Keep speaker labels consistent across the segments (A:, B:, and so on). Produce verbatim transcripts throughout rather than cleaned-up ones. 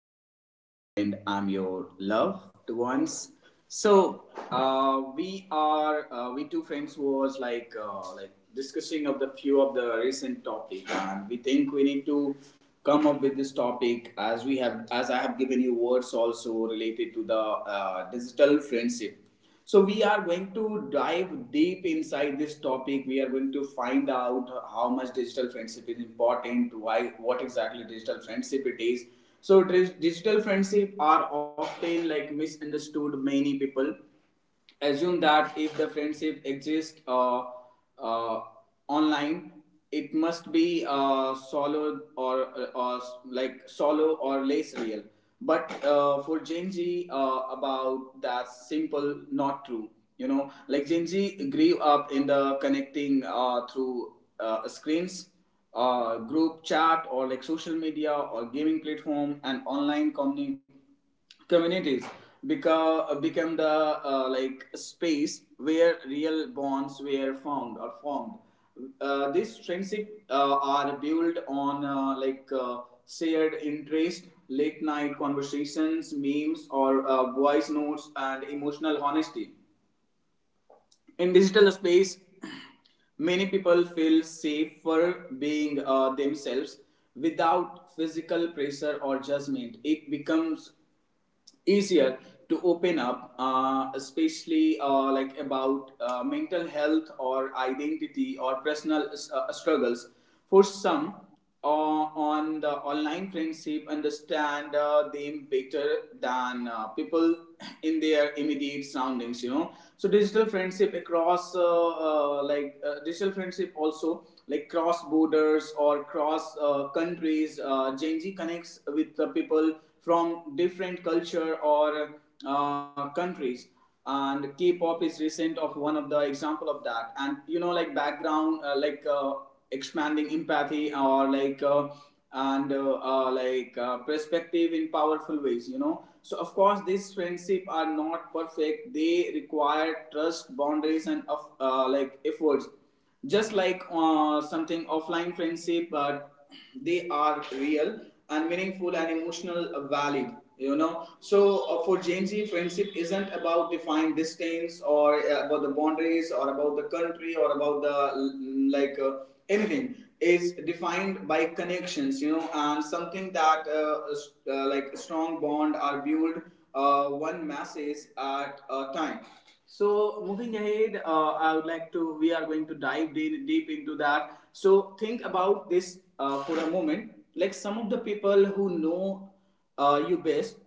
A: Host, I'm your friend. I'm your loved ones. So uh, we are uh, we two friends was like uh, like discussing of the few of the recent topic, and we think we need to come up with this topic as we have as I have given you words also related to the uh, digital friendship. So we are going to dive deep inside this topic. We are going to find out how much digital friendship is important, why, what exactly digital friendship it is. So digital friendship are often like misunderstood. Many people assume that if the friendship exists uh, uh, online, it must be uh, solo or, uh, or like solo or less real. But uh, for Gen Z, uh, about that simple, not true. You know, like Gen Z grew up in the connecting uh, through uh, screens, uh, group chat, or like social media, or gaming platform, and online communi- communities become become the uh, like space where real bonds were found or formed. Uh, these friendship uh, are built on uh, like uh, shared interest, late night conversations, memes, or uh, voice notes, and emotional honesty. In digital space, many people feel safe for being uh, themselves without physical pressure or judgment. It becomes easier to open up, uh, especially uh, like about uh, mental health or identity or personal uh, struggles. For some, uh, on the online friendship, understand uh, them better than uh, people in their immediate surroundings. You know, so digital friendship across uh, uh, like uh, digital friendship also like cross borders or cross uh, countries. Uh, Gen Z connects with the people from different culture or uh, countries, and k-pop is recent of one of the example of that. And you know, like background uh, like uh, expanding empathy or like uh, and uh, uh, like uh, perspective in powerful ways, you know. So of course these friendship are not perfect, they require trust, boundaries and of uh, like efforts, just like uh, something offline friendship, but they are real and meaningful and emotional valid, you know. So uh, for Gen Z, friendship isn't about defined distance or uh, about the boundaries or about the country or about the mm, like uh, anything. It's defined by connections, you know. And something that uh, s- uh, like strong bond are built uh, one message at a time. So moving ahead, uh, I would like to. We are going to dive deep, deep into that. So think about this uh, for a moment. Like some of the people who know uh, you best,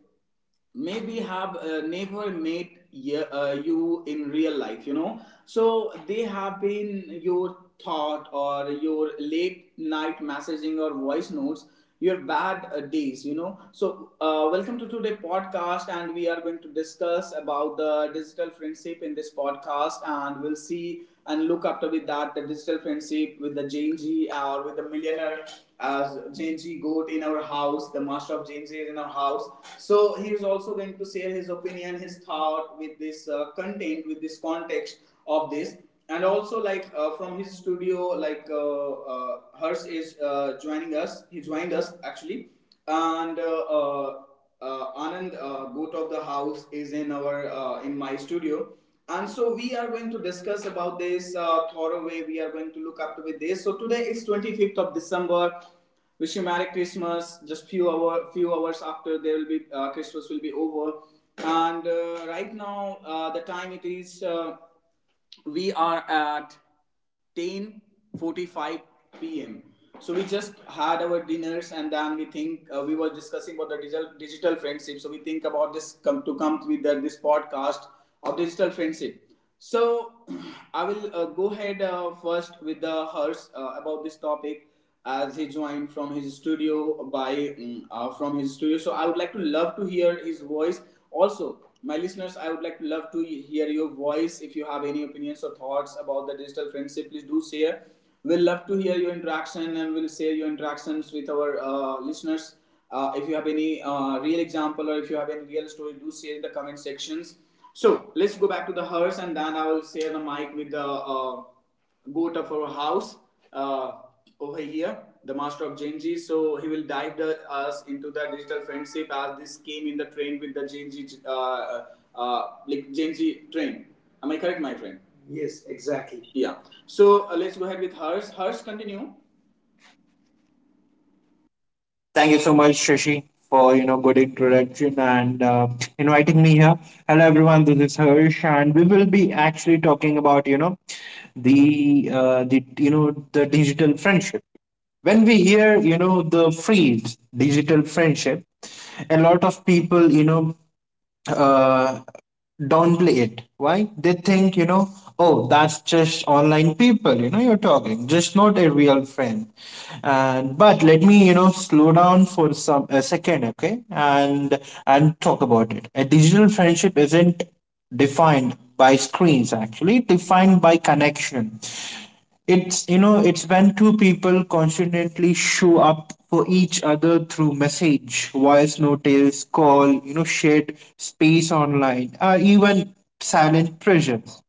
A: maybe have uh, never met ye- uh, you in real life, you know. So they have been your thought or your late night messaging or voice notes, your bad uh, days, you know. So uh, welcome to today podcast, and we are going to discuss about the digital friendship in this podcast, and we'll see and look after with that the digital friendship with the Gen Z or with the millionaire. As Gen Z goat in our house, the master of Gen Z is in our house, so he is also going to share his opinion, his thought with this uh, content, with this context of this. And also, like uh, from his studio, like uh, uh, Hers is uh, joining us, he joined us actually. And uh, uh, uh, Anand, uh, goat of the house, is in our uh, in my studio. And so we are going to discuss about this uh, thorough way, we are going to look up to with this. So today is twenty-fifth of December. Wish you merry Christmas. Just few hour few hours after there will be, uh, Christmas will be over. And uh, right now, uh, the time it is, uh, we are at ten forty-five p m. So we just had our dinners, and then we think uh, we were discussing about the digital digital friendship. So we think about this, come to come with the, this podcast, digital friendship. So I will uh, go ahead uh, first with the hers uh, about this topic, as he joined from his studio by mm, uh, from his studio. So I would like to love to hear his voice. Also, my listeners, I would like to love to hear your voice. If you have any opinions or thoughts about the digital friendship, please do share. We'll love to hear your interaction, and we'll share your interactions with our uh, listeners. Uh, if you have any uh, real example, or if you have any real story, do share in the comment sections. So let's go back to the hearse, and then I will share the mic with the uh, goat of our house, uh, over here, the master of Genji. So he will dive the, us into the digital friendship, as this came in the train with the Genji, uh, uh, uh, like Genji train. Am I correct, my friend? Yes, exactly. Yeah. So uh, let's go ahead with hers. Hers, continue.
B: Thank you so much, Shashi, for you know good introduction and uh, inviting me here. Hello, everyone. This is Harsh, and we will be actually talking about you know the uh, the you know the digital friendship. When we hear you know the phrase digital friendship, a lot of people you know uh, downplay it. Why? They think, you know, oh, that's just online people, you know, you're talking, just not a real friend. And but let me, you know, slow down for some a second, okay, and and talk about it. A digital friendship isn't defined by screens, actually defined by connection. It's you know it's when two people constantly show up for each other through message, voice notice, call, you know, shared space online, or even silent presence.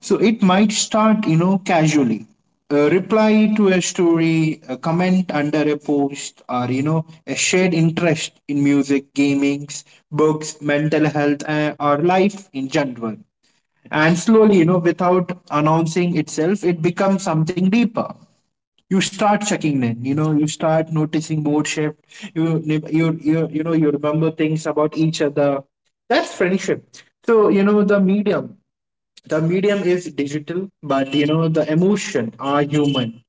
B: So it might start you know casually, a reply to a story, a comment under a post, or you know a shared interest in music, gaming, books, mental health, uh, or life in general. And slowly, you know, without announcing itself, it becomes something deeper. You start checking in, you know, you start noticing mood shift. You, you, you, you know, you remember things about each other. That's friendship. So, you know, the medium the medium is digital, but you know the emotion are human.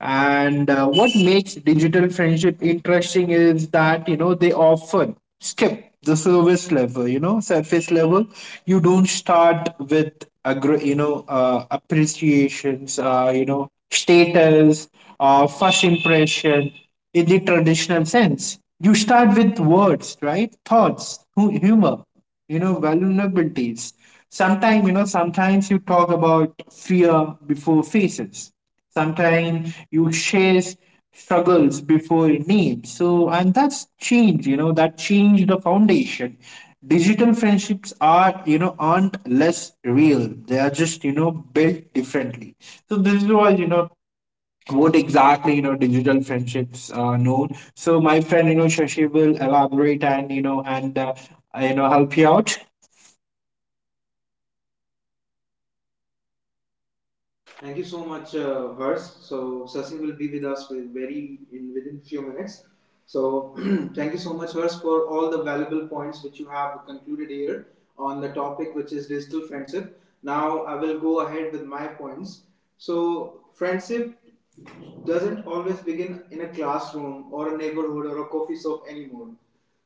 B: And uh, what makes digital friendship interesting is that you know they often skip the service level you know surface level. You don't start with aggr- you know uh, appreciations, uh, you know status, uh, first impression in the traditional sense. You start with words, right, thoughts, hu- humor, you know, vulnerabilities. Sometimes you know sometimes you talk about fear before faces. Sometimes you share struggles before names. So and that's change, you know, that changed the foundation. Digital friendships are, you know, aren't less real. They are just, you know, built differently. So this is why, you know, what exactly, you know, digital friendships are known. So my friend, you know, Shashi will elaborate and, you know and uh, you know, help you out.
A: Thank you so much, uh, Hers. So Sasi will be with us with very in within few minutes. So thank you so much, Hers, for all the valuable points which you have concluded here on the topic, which is digital friendship. Now I will go ahead with my points. So friendship doesn't always begin in a classroom or a neighborhood or a coffee shop anymore.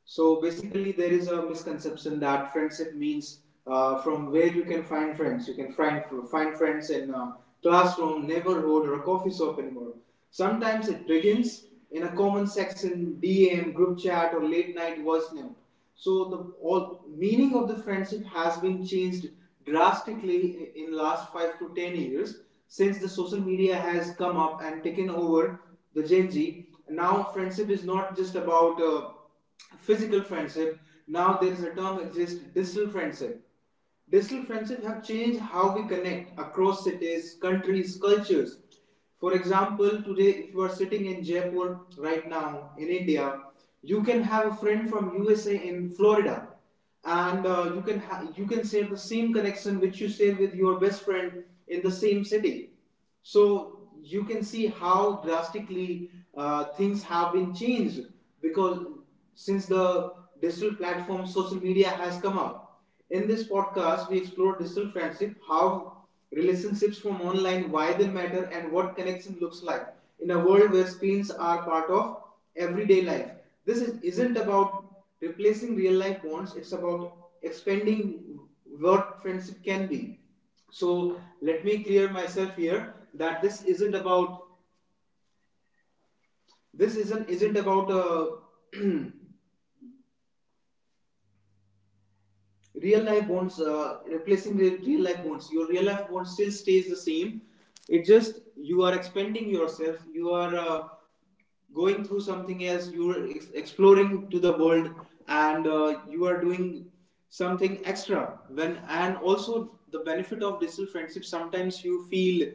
A: So basically, there is a misconception that friendship means, uh, from where you can find friends. You can find find friends in a classroom, neighborhood, or a coffee shop anymore. Sometimes it begins in a comment section, D M, group chat, or late night voice note. So the all meaning of the friendship has been changed drastically in last five to ten years, since the social media has come up and taken over the Gen Z. Now friendship is not just about uh, physical friendship. Now there is a term exists, digital friendship. Digital friendship have changed how we connect across cities, countries, cultures. For example, today, if you are sitting in Jaipur right now in India, you can have a friend from U S A in Florida, and uh, you can you can share the same connection which you share with your best friend in the same city. So you can see how drastically uh, things have been changed, because since the digital platform, social media has come up. In this podcast, we explore digital friendship, how relationships from online, why they matter, and what connection looks like in a world where screens are part of everyday life. This is, isn't about replacing real life bonds, it's about expanding what friendship can be. So let me clear myself here that this isn't about, this isn't isn't about uh, real life bonds, uh, replacing the real life bonds. Your real life bond still stays the same. It just you are expanding yourself, you are uh, going through something else, you are ex- exploring to the world. And uh, you are doing something extra. When and also the benefit of digital friendship, sometimes you feel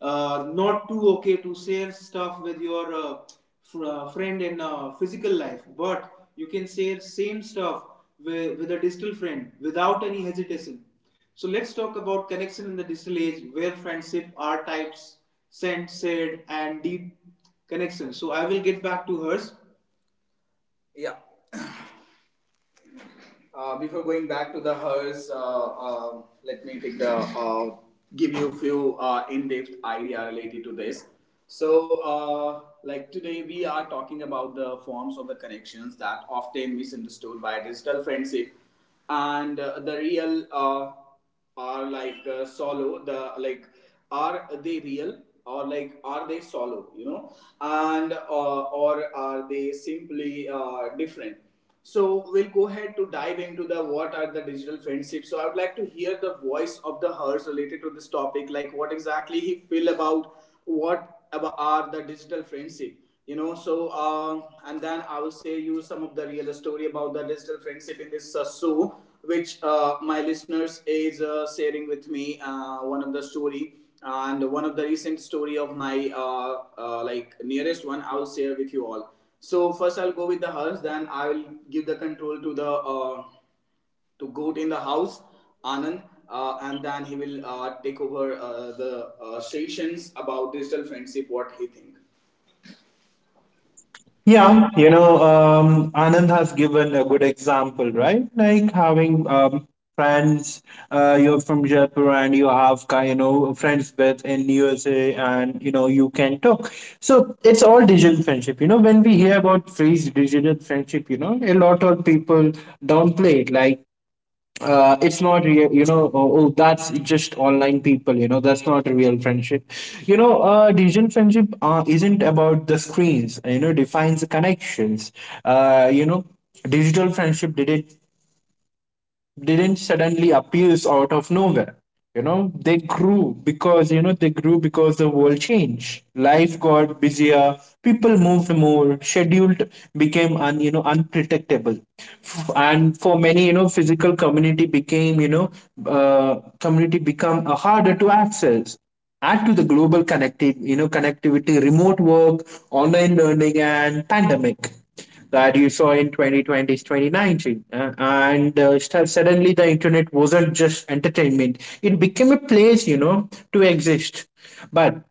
A: uh, not too okay to share stuff with your uh, fr- uh, friend in uh, physical life, but you can share same stuff with, with a digital friend without any hesitation. So let's talk about connection in the digital age, where friendship are types, sent, shared and deep connection. So I will get back to hers. Yeah. Uh, before going back to the hers, uh, uh, let me take the uh, give you a few uh, in-depth idea related to this. So, uh, like today, we are talking about the forms of the connections that often misunderstood by digital friendship, and uh, the real uh, are like uh, solo, the like, are they real or like are they solo, you know, and uh, or are they simply uh, different. So we'll go ahead to dive into the what are the digital friendships. So I would like to hear the voice of the hers related to this topic, like what exactly he feel about, what about are the digital friendship, you know. So uh, and then I will say you some of the real story about the digital friendship in this uh, show, which uh, my listeners is uh, sharing with me, uh, one of the story, and one of the recent story of my uh, uh, like nearest one, I will share with you all. So first I'll go with the hers, then I will give the control to the uh, to goat in the house, Anand, uh, and then he will uh, take over uh, the uh, sessions about digital friendship, what he think.
B: Yeah, you know, um, Anand has given a good example, right, like having um, friends. Uh, you're from Jaipur and you have ki- you know friends with in USA and you know you can talk. So it's all digital friendship. You know, when we hear about phrase digital friendship, you know, a lot of people downplay it, like uh, it's not real, you know. Oh, oh, that's just online people, you know. That's not real friendship, you know. Uh, digital friendship uh, isn't about the screens, you know, defines the connections, uh, you know. Digital friendship did it didn't suddenly appears out of nowhere, you know. They grew because you know they grew because the world changed, life got busier, people moved more, scheduled became un, you know unpredictable. F- and for many, you know, physical community became you know uh, community become uh, harder to access. Add to the global connected you know connectivity, remote work, online learning, and pandemic that you saw in twenty twenty, twenty nineteen. Uh, and uh, st- suddenly the internet wasn't just entertainment, it became a place, you know, to exist. But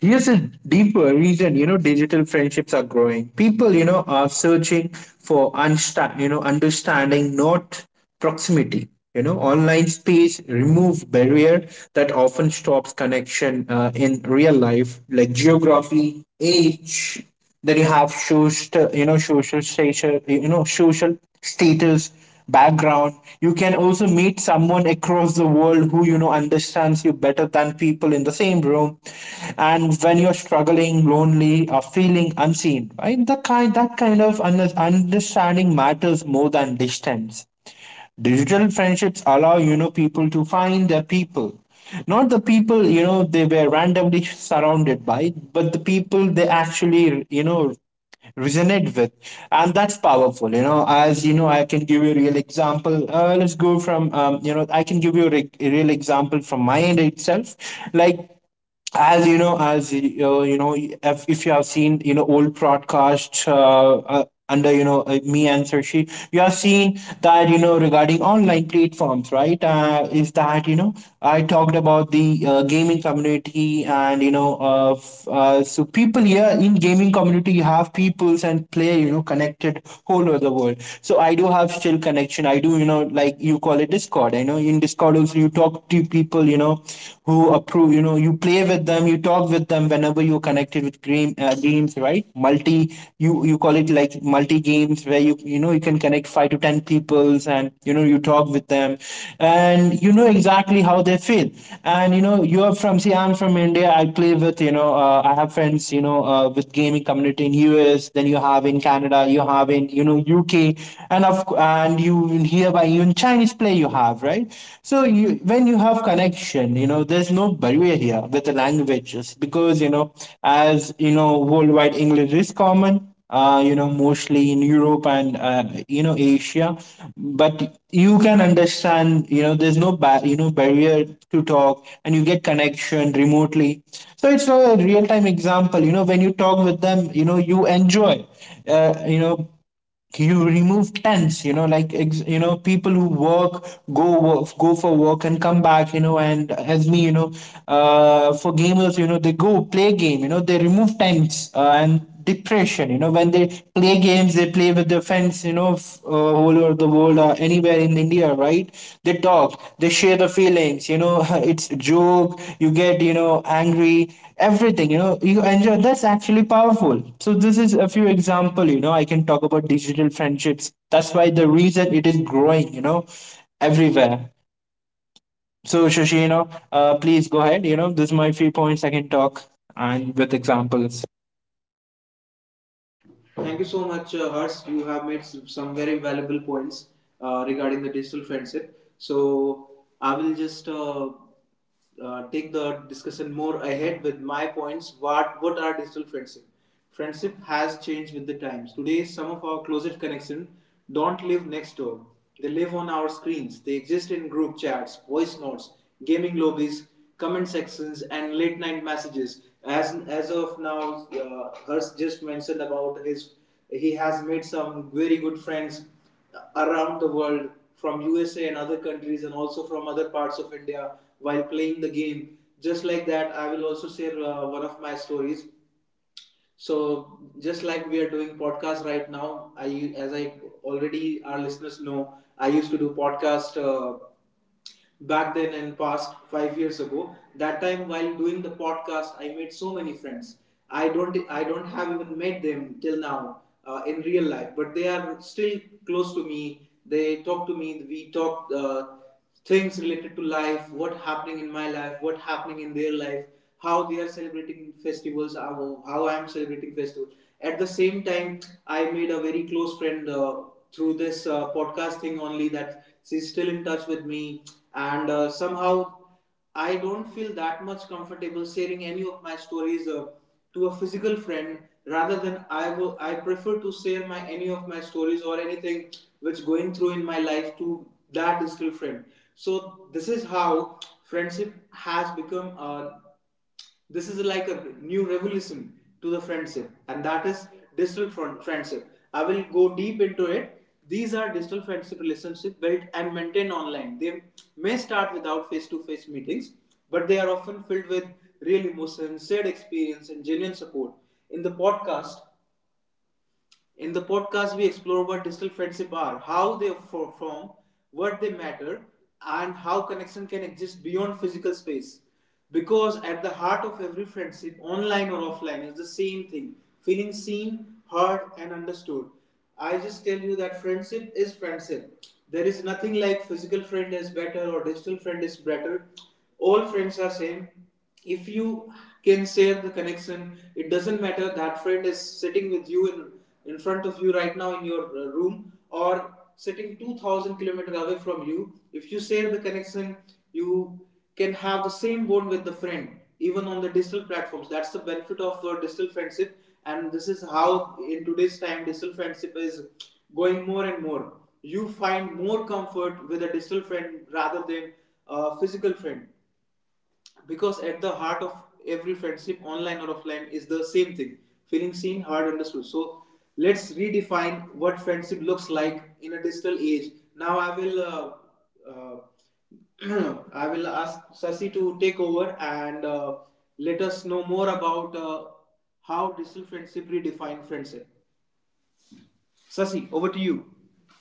B: here's a deeper reason, you know, digital friendships are growing. People, you know, are searching for unsta- you know, understanding, not proximity. You know, online space remove barrier that often stops connection uh, in real life, like geography, age. Then you have social, you know, social status, you know, social status, background. You can also meet someone across the world who, you know, understands you better than people in the same room. And when you're struggling, lonely, or feeling unseen, right, that kind that kind of under- understanding matters more than distance. Digital friendships allow, you know, people to find their people, not the people, you know, they were randomly surrounded by, but the people they actually, you know, resonate with. And that's powerful, you know. As you know, I can give you a real example. Uh, let's go from um, you know I can give you a, re- a real example from my end itself, like, as you know. as uh, you know if, if you have seen, you know, old broadcasts, uh, uh, under you know uh, me and Sershi, you have seen that, you know, regarding online platforms, right, uh, is that, you know, I talked about the uh, gaming community. And you know uh, f- uh, so people here in gaming community, you have peoples and play, you know, connected whole over the world. So I do have still connection. I do, you know, like you call it Discord. I know in Discord also you talk to people, you know, who approve, you know, you play with them, you talk with them whenever you're connected with game, uh, games, right? Multi, you, you call it like multi games, where you, you know, you can connect five to ten peoples and, you know, you talk with them and you know exactly how they feel. And, you know, you're from, see, I'm from India. I play with, you know, uh, I have friends, you know, uh, with gaming community in U S, then you have in Canada, you have in, you know, U K. and of, and you in here here by even Chinese play you have, right? So you, when you have connection, you know, there's no barrier here with the languages because, you know, as, you know, worldwide English is common, uh, you know, mostly in Europe and, uh, you know, Asia. But you can understand, you know, there's no ba- you know barrier to talk, and you get connection remotely. So it's a real time example. You know, when you talk with them, you know, you enjoy, uh, you know, you remove tense, you know, like ex- you know, people who work go work, go for work and come back, you know. And as me, you know, uh, for gamers, you know, they go play game, you know, they remove tense uh, and depression, you know. When they play games, they play with their friends, you know, f- uh, all over the world, uh, anywhere in India, right. They talk, they share the feelings, you know. It's a joke, you get, you know, angry, everything, you know, you enjoy. That's actually powerful. So this is a few example, you know, I can talk about digital friendships. That's why the reason it is growing, you know, everywhere. So Shashi, you know, uh, please go ahead. You know, this is my few points I can talk, and with examples.
A: Thank you so much, uh, Harsh. You have made some very valuable points uh, regarding the digital friendship. So I will just uh, uh, take the discussion more ahead with my points. What what are digital friendship? Friendship has changed with the times. Today, some of our closest connection don't live next door. They live on our screens. They exist in group chats, voice notes, gaming lobbies, comment sections, and late night messages. As as of now, uh, Hurst just mentioned about his. He has made some very good friends around the world from U S A and other countries, and also from other parts of India while playing the game. Just like that, I will also share uh, one of my stories. So just like we are doing podcast right now, I as I already our listeners know, I used to do podcast uh, back then and past five years ago. That time while doing the podcast, I made so many friends. I don't I don't have even met them till now uh, in real life, but they are still close to me. They talk to me. We talk uh, things related to life, what happening in my life, what happening in their life, how they are celebrating festivals, how, how I am celebrating festivals. At the same time, I made a very close friend uh, through this uh, podcast thing only that she's still in touch with me and uh, somehow I don't feel that much comfortable sharing any of my stories uh, to a physical friend rather than I will I prefer to share my any of my stories or anything which going through in my life to that digital friend. So this is how friendship has become a, this is like a new revolution to the friendship, and that is digital friendship. I will go deep into it. These are digital friendship relationship built and maintained online. They may start without face-to-face meetings, but they are often filled with real emotions, shared experience, and genuine support. In the podcast in the podcast, we explore what digital friendships are, how they for- form, what they matter, and how connection can exist beyond physical space. Because at the heart of every friendship, online or offline, is the same thing, feeling seen, heard, and understood. I just tell you that friendship is friendship. There is nothing like physical friend is better or digital friend is better. All friends are same. If you can share the connection, it doesn't matter that friend is sitting with you in in front of you right now in your uh, room or sitting two thousand kilometers away from you. If you share the connection, you can have the same bond with the friend even on the digital platforms. That's the benefit of uh, digital friendship. And this is how in today's time digital friendship is going more and more. You find more comfort with a digital friend rather than a physical friend, because at the heart of every friendship, online or offline, is the same thing, feeling seen, heard, understood. So let's redefine what friendship looks like in a digital age. Now I will uh, uh, I will ask Sasi to take over, and uh, let us know more about uh, how digital friendship redefine friendship. Sasi, over to you.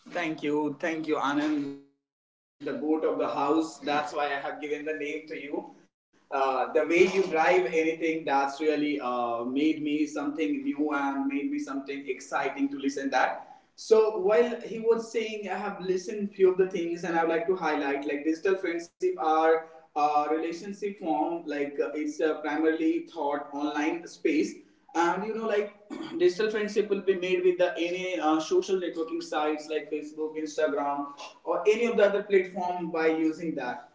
A: Thank you, thank you, Anand, the goat of the house. That's why I have given the name to you. Uh, the way you drive anything, that's really uh, made me something new and made me something exciting to listen that. So while he was saying, I have listened few of the things, and I would like to highlight like digital friendship are a relationship form, like uh, it's a primarily thought online space. And you know like digital friendship will be made with the any uh, social networking sites like Facebook, Instagram, or any of the other platform by using that.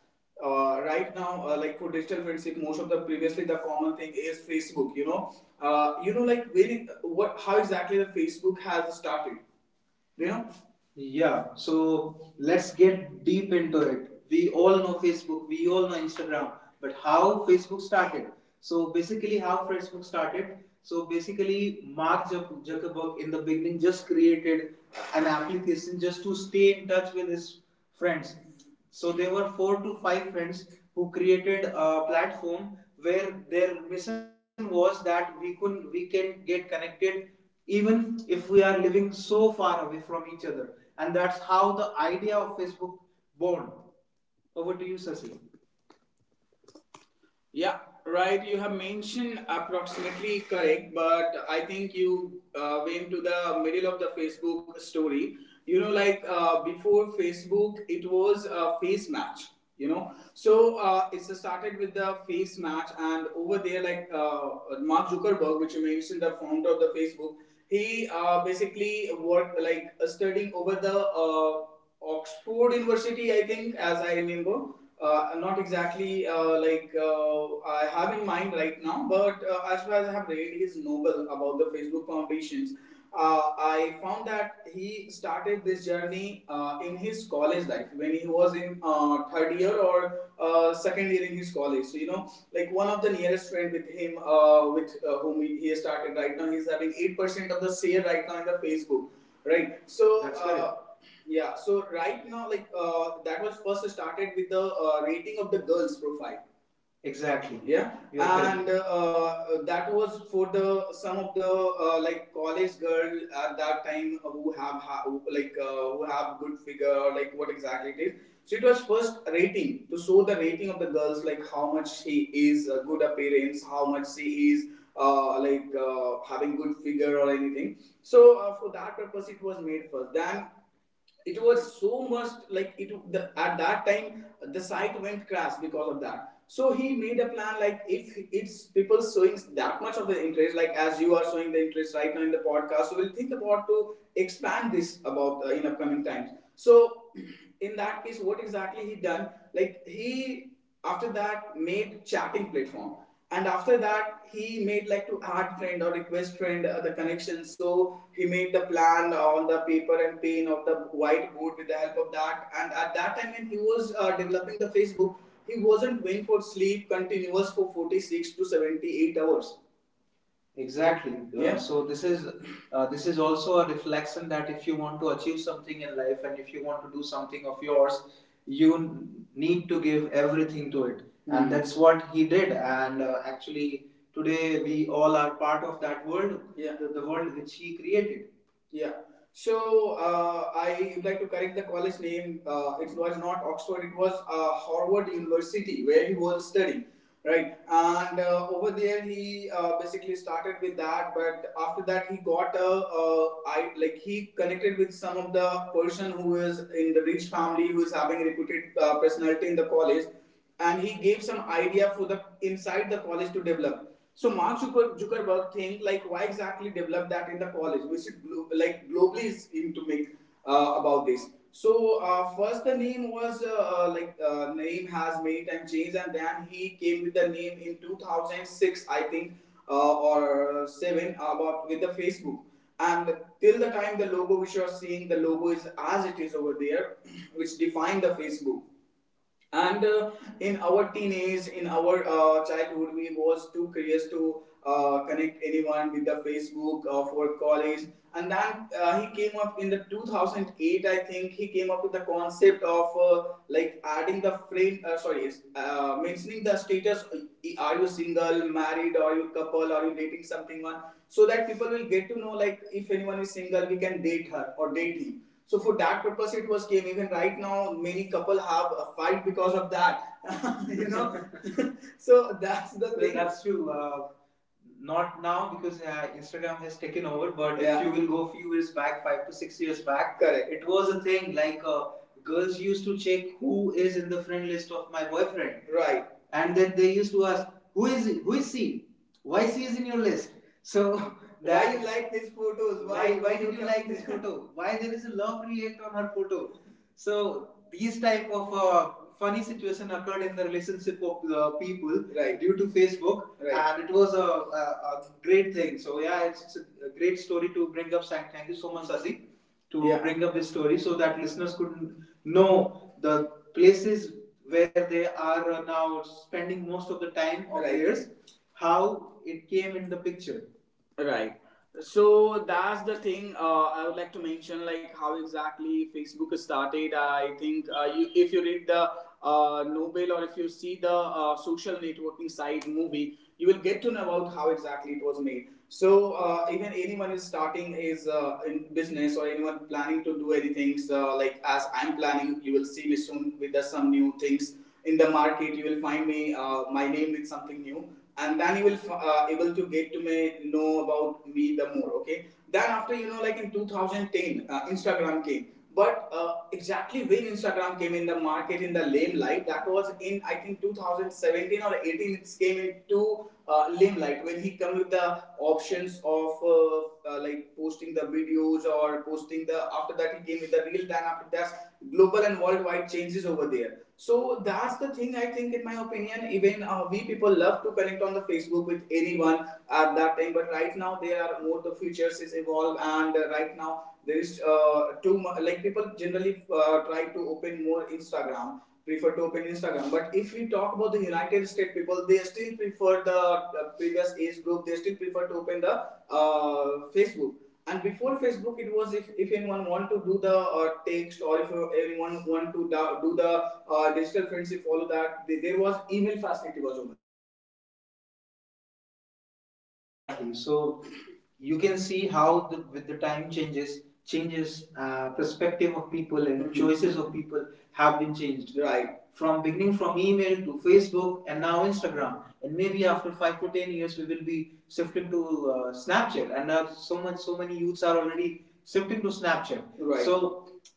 A: uh, Right now, uh, like for digital friendship, most of the previously the common thing is Facebook, you know. Uh, you know, like when it, what how exactly the Facebook has started, you know? Yeah, so let's get deep into it. We all know Facebook, we all know Instagram, but how Facebook started. So basically, how Facebook started. So basically, Mark Zuck- Zuckerberg in the beginning just created an application just to stay in touch with his friends. So there were four to five friends who created a platform where their mission was that we could we can get connected even if we are living so far away from each other. And that's how the idea of Facebook born. Over to you, Sasi. Yeah, right. You have mentioned approximately correct, but I think you uh, went to the middle of the Facebook story. You know, like uh, before Facebook, it was a face match. You know, so uh, it started with the face match, and over there, like uh, Mark Zuckerberg, which you mentioned, the founder of the Facebook, he uh, basically worked like uh, studying over the uh, Oxford University, I think, as I remember. Uh, not exactly uh, like uh, I have in mind right now, but uh, as far as I have read his novel about the Facebook foundations, uh, I found that he started this journey uh, in his college life when he was in uh, third year or uh, second year in his college. So you know, like one of the nearest friend with him, uh, with uh, whom he started right now, he's having eight percent of the share right now in the Facebook, right? So. That's uh, correct. Yeah, so right now, like uh, that was first started with the uh, rating of the girls' profile. Exactly. Yeah, you are correct. And uh, that was for the some of the uh, like college girl at that time who have ha- who, like uh, who have good figure or like what exactly it is. So it was first rating to show the rating of the girls, like how much she is a good appearance, how much she is uh, like uh, having good figure or anything. So uh, for that purpose, it was made first. Then it was so much like it the, at that time the site went crash because of that. So he made a plan like if it's people showing that much of the interest, like as you are showing the interest right now in the podcast, so we'll think about to expand this about uh, in upcoming times. So in that case what exactly he done, like he after that made chatting platform, and after that he made like to add friend or request friend, uh, the connection. So he made the plan on the paper and pen of the whiteboard with the help of that. And at that time when he was uh, developing the Facebook, he wasn't going for sleep continuous for forty-six to seventy-eight hours. Exactly. Uh, Yeah. Uh, so this is, uh, this is also a reflection that if you want to achieve something in life and if you want to do something of yours, you need to give everything to it. Hmm. And that's what he did. And uh, actually, today we all are part of that world. Yeah. the, the world which he created. Yeah. So uh, I would like to correct the college name. Uh, it was not Oxford. It was uh, Harvard University where he was studying, right? And uh, over there he uh, basically started with that. But after that he got a, a I like he connected with some of the person who is in the rich family, who is having a reputed uh, personality in the college, and he gave some idea for the inside the college to develop. So Mark Zuckerberg think like why exactly develop that in the college? We should like globally is in to make uh, about this. So uh, first the name was uh, uh, like uh, name has many time changed, and then he came with the name in two thousand six, I think, uh, or seven about, with the Facebook. And till the time the logo which you are seeing, the logo is as it is over there which define the Facebook. And uh, in our teenage, in our uh, childhood, we was too curious to uh, connect anyone with the Facebook uh, for college. And then uh, he came up in the two thousand eight, I think he came up with the concept of uh, like adding the frame, uh, sorry, yes, uh, mentioning the status, uh, are you single, married, or you couple, or you dating something one, so that people will get to know like if anyone is single we can date her or date him. So for that purpose, it was game. Even right now, many couple have a fight because of that. You know, so that's the, well, thing. That's true. Uh, not now because uh, Instagram has taken over, but yeah, if you will go few years back, five to six years back, correct. It was a thing like uh, girls used to check who is in the friend list of my boyfriend, right. And then they used to ask, who is he? Who is she? Why she is in your list? So that, why you like these photos? why why why did you like this photo? Why there is a love react on her photo? So these type of uh, funny situation occurred in the relationship of the people, right, due to Facebook, right. And it was a, a, a great thing. So yeah, it's, it's a great story to bring up. Thank thank you so much, Sasi, to, yeah, bring up this story so that listeners could know the places where they are now spending most of the time of, right, theirs, how it came in the picture. Right, so that's the thing, uh, I would like to mention like how exactly Facebook started. I think uh, you, if you read the uh, nobel, or if you see the uh, social networking site movie, you will get to know about how exactly it was made. So uh, even anyone is starting is uh, in business, or anyone planning to do anything, so like as I'm planning, you will see me soon with the some new things in the market. You will find me, uh, my name with something new, and then you will uh, able to get to me know about me the more. Okay, then after you know, like in two thousand ten uh, Instagram came. But uh, exactly when Instagram came in the market in the limelight, that was in, I think, two thousand seventeen or eighteen. It came into uh, limelight when he come with the options of uh, uh, like posting the videos or posting the, after that he came with the reel, then after that global and worldwide changes over there. So that's the thing. I think, in my opinion, even uh, we people love to connect on the Facebook with anyone at that time. But right now, there are more the futures is evolved, and uh, right now there is uh, too much. Like people generally uh, try to open more Instagram, prefer to open Instagram. But if we talk about the United States people, they still prefer the, the previous age group. They still prefer to open the uh, Facebook. And before Facebook, it was, if, if anyone want to do the uh, text, or if uh, anyone want to da- do the uh, digital friendship follow, that they there was email facility was over there. Exactly. So you can see how the with the time changes, changes uh, perspective of people and, mhm, choices of people have been changed, right from beginning from email to Facebook and now Instagram. And maybe after five to ten years, we will be shifting to uh, Snapchat. And there are so much, so many youths are already shifting to Snapchat. Right. So with the time.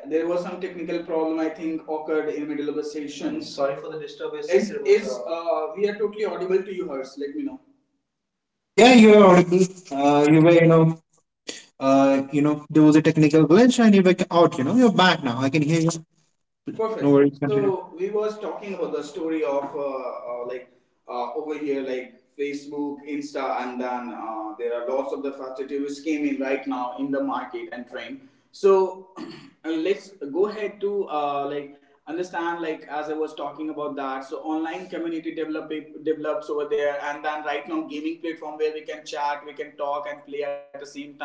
A: Yeah, there was some technical problem, I think, occurred in middle of the session. Sorry for the disturbance. Is, is uh, We are totally audible to you, Hers? Let me know.
B: Yeah, you were audible. Uh, you were you know uh, you know There was a technical glitch and you were out, you know. You're back now, I can hear you. No
A: Perfect.
B: worries, continue.
A: So we was talking about the story of uh, uh, like uh, over here like Facebook, Insta, and then uh, there are lots of the facility which came in right now in the market and trend. So uh, let's go ahead to uh, like understand like as I was talking about that. So online community develop develops over there, and then right now gaming platform where we can chat, we can talk and play at the same time.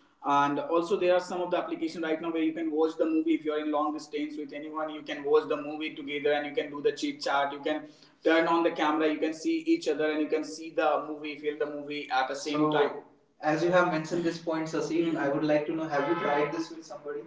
A: And also there are some of the application right now where you can watch the movie. If you're in long distance with anyone, you can watch the movie together and you can do the chit chat. You can turn on the camera, you can see each other, and you can see the movie, feel the movie at the same, so, time. As you have mentioned this point, Sasi, mhm, I would like to know, have you tried this with somebody?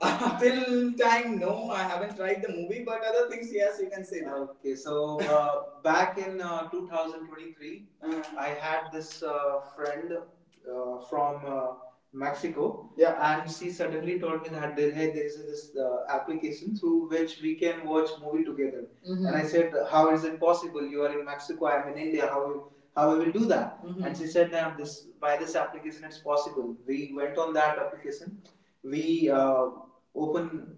A: Till time, no, I haven't tried the movie, but other things, yes, you can say that. Okay, so uh, back in uh, twenty twenty-three, uh-huh, I had this uh, friend uh, from uh, Mexico, yeah, and she suddenly told me that there, hey, there is this uh, application through which we can watch movie together. Mhm. And I said, how is it possible? You are in Mexico, I am in India. How will how we will do that? Mhm. And she said, now this by this application it's possible. We went on that application. We uh, open,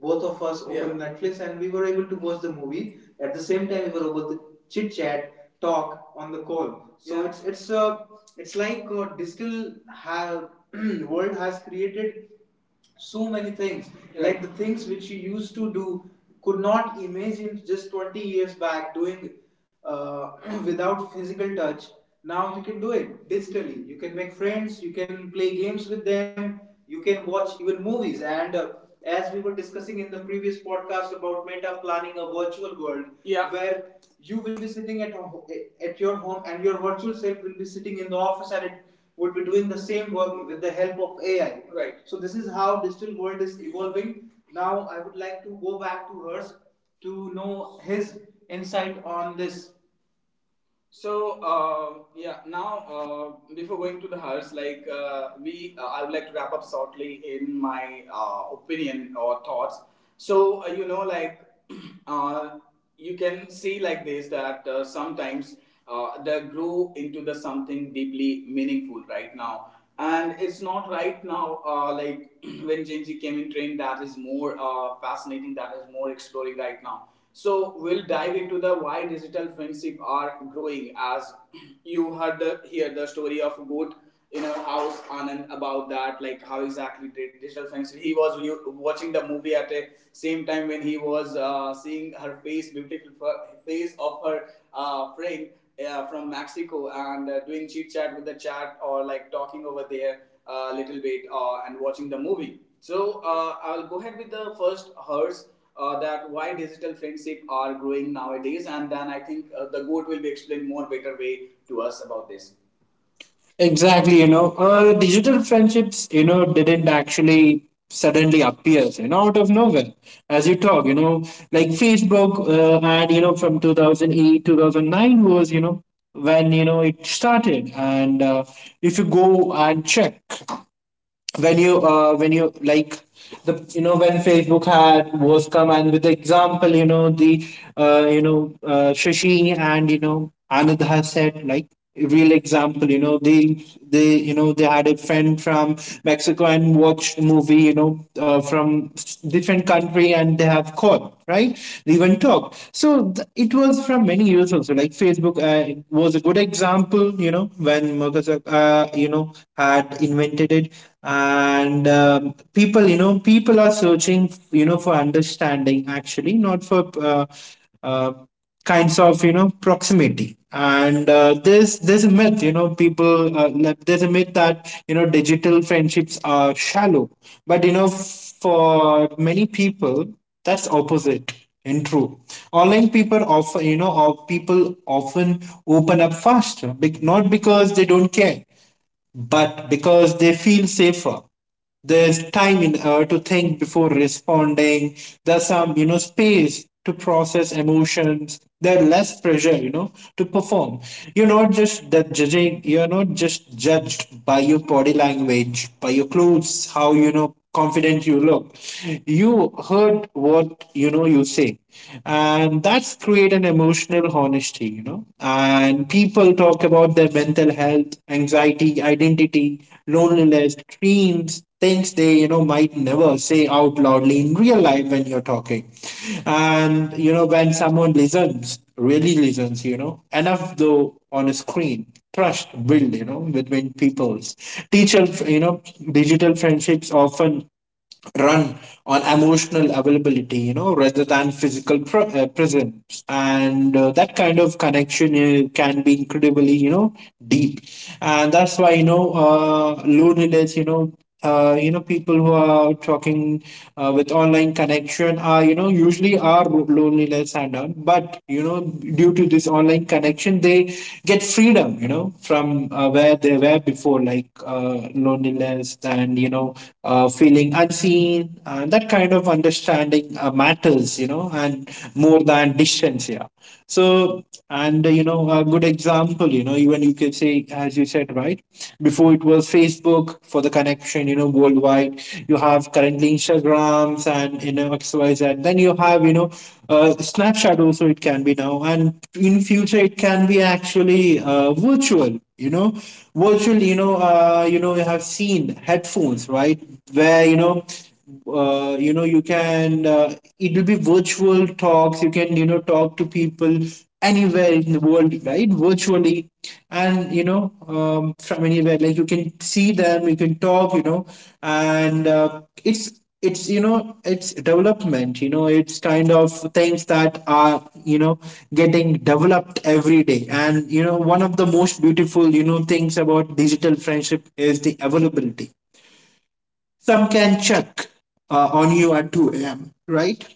A: both of us open, yeah, Netflix, and we were able to watch the movie at the same time. We were able to chit chat, talk on the call. So, yeah, it's it's uh, it's like uh, digital ha- world has created so many things, like the things which you used to do could not imagine just twenty years back doing, uh, without physical touch. Now you can do it digitally. You can make friends, you can play games with them, you can watch even movies, and uh, as we were discussing in the previous podcast about meta planning a virtual world, yeah, where you will be sitting at ho- at your home, and virtual self will be sitting in the office, and it would be doing the same work with the help of A I. Right. So this is how digital world is evolving. Now I would like to go back to hers to know his insight on this. So uh, yeah, now uh, before going to the hearse, like uh, we, uh, I would like to wrap up shortly in my uh, opinion or thoughts. So uh, you know, like uh, you can see like this that uh, sometimes uh, they grow into the something deeply meaningful right now, and it's not right now uh, like when Genji came in trend, that is more uh, fascinating, that is more exploring right now. So we'll dive into the why digital friendship are growing. As you heard the, hear story of goat in our house, Anand, about that, like how exactly did digital friendship. He was re- watching the movie at the same time when he was uh, seeing her face, beautiful f- face of her uh, friend uh, from Mexico, and uh, doing chit chat with the chat or like talking over there a uh, little bit uh, and watching the movie. So uh, I'll go ahead with the first hers uh, that why digital friendship are growing nowadays, and then I think uh, the goat will be explained more better way to us about this.
B: Exactly, you know, uh, digital friendships, you know, didn't actually suddenly appear, you know, out of nowhere. As you talk, you know, like Facebook, uh, and you know, from two thousand eight, two thousand nine was, you know, when you know it started. And uh, if you go and check, when you uh, when you like the you know when Facebook had was come, and with the example, you know, the uh, you know uh, Shashi and, you know, Anand has said like a real example. You know, they they you know they had a friend from Mexico and watched movie, you know, uh, from s- different country, and they have called, right, they even talk. So th- it was from many years also, like Facebook uh, was a good example, you know, when Mark Zuck- uh, you know had that invented it. And um, people you know people are searching, you know, for understanding actually, not for uh, uh, kinds of, you know, proximity. And uh, there's there's a myth, you know, people, uh, like, there's a myth that, you know, digital friendships are shallow, but you know, for many people, that's opposite and true. Online people often, you know, or people often open up faster, bec- not because they don't care, but because they feel safer. There's time in, uh, to think before responding. There's some, you know, space to process emotions. There's less pressure, you know, to perform. You're not just that judging. You're not just judged by your body language, by your clothes, how, you know, confident you look. You heard what, you know, you say, and that's creating create an emotional honesty, you know. And people talk about their mental health, anxiety, identity, loneliness, dreams, things they, you know, might never say out loudly in real life when you're talking. And, you know, when someone listens, really listens, you know, enough though on a screen. Trust build, you know, between peoples. Teacher, you know, digital friendships often run on emotional availability, you know, rather than physical pr- uh, presence. And uh, that kind of connection uh, can be incredibly, you know, deep. And that's why, you know, uh, loneliness, you know, uh, you know, people who are talking uh, with online connection are, you know, usually are lo- loneliness and all. But you know, due to this online connection, they get freedom, you know, from uh, where they were before, like uh, loneliness and you know, uh, feeling unseen. Uh, that kind of understanding uh, matters, you know, and more than distance, yeah. So, and uh, you know, a good example, you know, even you can say, as you said, right, before it was Facebook for the connection, you know, worldwide. You have currently Instagrams and you know X Y Z. Then you have you know uh, Snapchat also it can be now, and in future it can be actually uh, virtual. You know, virtual. You know, uh, you know, you have seen headphones, right? right? Where you know, uh, you know, you can. Uh, it will be virtual talks. You can you know talk to people anywhere in the world, right? Virtually, and you know, um, from anywhere, like you can see them, you can talk, you know, and uh, it's it's you know it's development. You know it's kind of things that are you know getting developed every day. And you know one of the most beautiful you know things about digital friendship is the availability. Some can check uh, on you at two a m, right?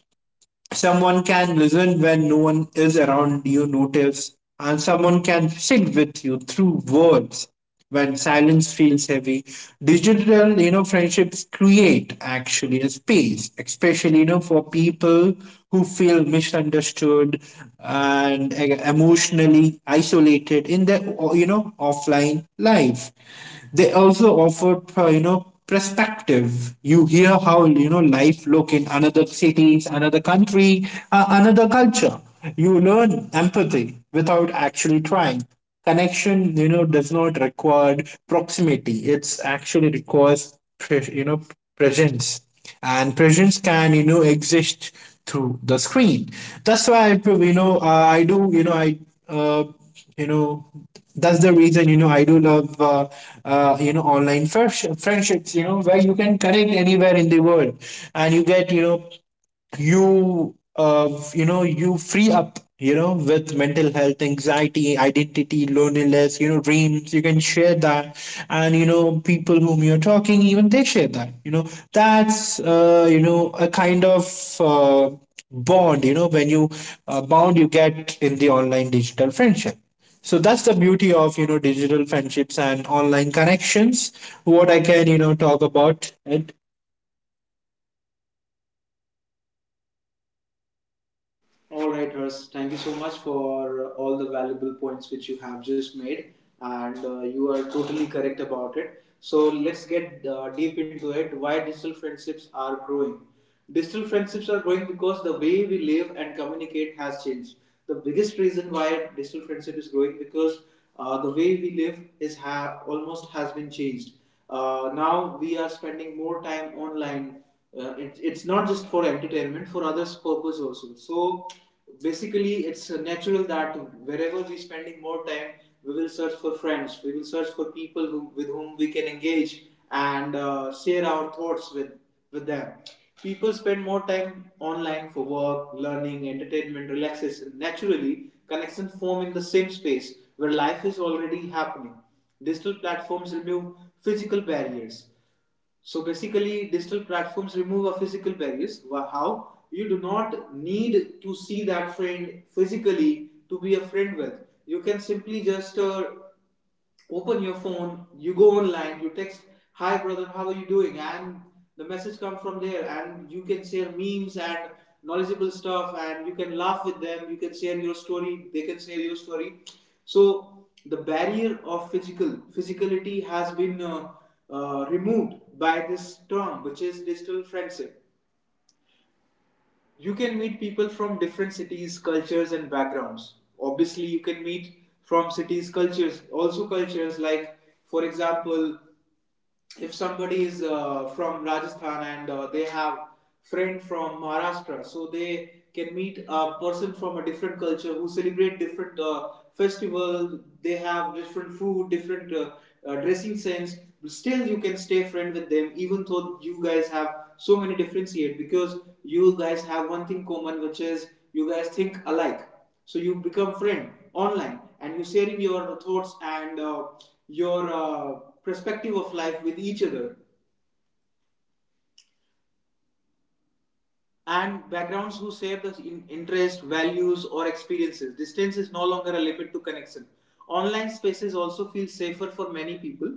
B: Someone can listen when no one is around you, notice, and someone can sit with you through words when silence feels heavy. Digital, you know, friendships create actually a space, especially, you know, for people who feel misunderstood and uh, emotionally isolated in their, you know, offline life. They also offer uh, you know perspective. You hear how you know life look in another cities, another country, uh, another culture. You learn empathy without actually trying. Connection you know does not require proximity. It's actually requires pre- you know presence, and presence can you know exist through the screen. That's why you know uh, I do you know I uh, you know that's the reason you know I do love uh, uh, you know online friendship, friendships, you know where you can connect anywhere in the world. And you get, you know you uh, you know you free up, you know with mental health, anxiety, identity, loneliness, you know dreams. You can share that, and you know people whom you're talking, even they share that. You know that's uh, you know a kind of uh, bond you know when you uh, bond you get in the online digital friendship. So that's the beauty of you know digital friendships and online connections, what I can you know talk about it.
A: All right, Hers. Thank you so much for all the valuable points which you have just made, and uh, you are totally correct about it. So let's get uh, deep into it. Why digital friendships are growing? Digital friendships are growing because the way we live and communicate has changed. The biggest reason why digital friendship is growing because uh, the way we live is ha- almost has been changed. Uh, now we are spending more time online. Uh, it, it's not just for entertainment, for others purpose also. So basically it's uh, natural that wherever we're spending more time, we will search for friends, we will search for people who, with whom we can engage and uh, share our thoughts with with them. People spend more time online for work, learning, entertainment, relaxation. Naturally connections form in the same space where life is already happening. Digital platforms remove physical barriers. So basically, digital platforms remove our physical barriers. How? You do not need to see that friend physically to be a friend with. You can simply just uh, open your phone, you go online, you text, "Hi brother, how are you doing?" And the message comes from there, and you can share memes and knowledgeable stuff, and you can laugh with them. You can share your story; they can share your story. So the barrier of physical physicality has been uh, uh, removed by this term, which is digital friendship. You can meet people from different cities, cultures, and backgrounds. Obviously you can meet from cities, cultures, also cultures, like for example, if somebody is uh, from Rajasthan and uh, they have friend from Maharashtra, so they can meet a person from a different culture who celebrate different uh, festival. They have different food, different uh, uh, dressing sense. Still, you can stay friend with them, even though you guys have so many differentiate, because you guys have one thing common, which is you guys think alike. So you become friend online and you're sharing your thoughts and uh, your uh, perspective of life with each other, and backgrounds who share the in- interest values or experiences. Distance is no longer a limit to connection. Online spaces also feel safer for many people.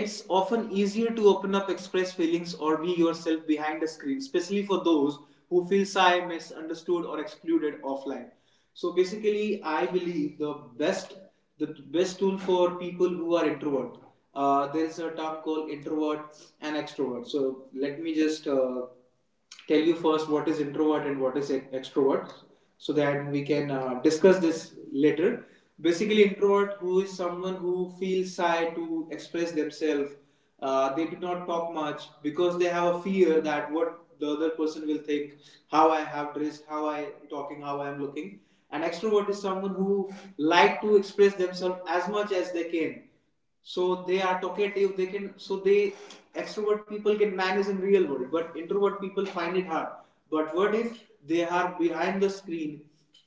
A: It's often easier to open up, express feelings, or be yourself behind a screen, especially for those who feel shy, misunderstood, or excluded offline. So basically, I believe the best the best tool for people who are introvert. Uh, there is a term called introvert and extrovert. So let me just uh, tell you first what is introvert and what is e- extrovert, so that we can uh, discuss this later. Basically, introvert who is someone who feels shy to express themselves. Uh, they do not talk much because they have a fear that what the other person will think, how I have dressed, how I am talking, how I am looking. And extrovert is someone who like to express themselves as much as they can. So they are talkative, they can, so they extrovert people can manage in real world, but introvert people find it hard. But what if they are behind the screen,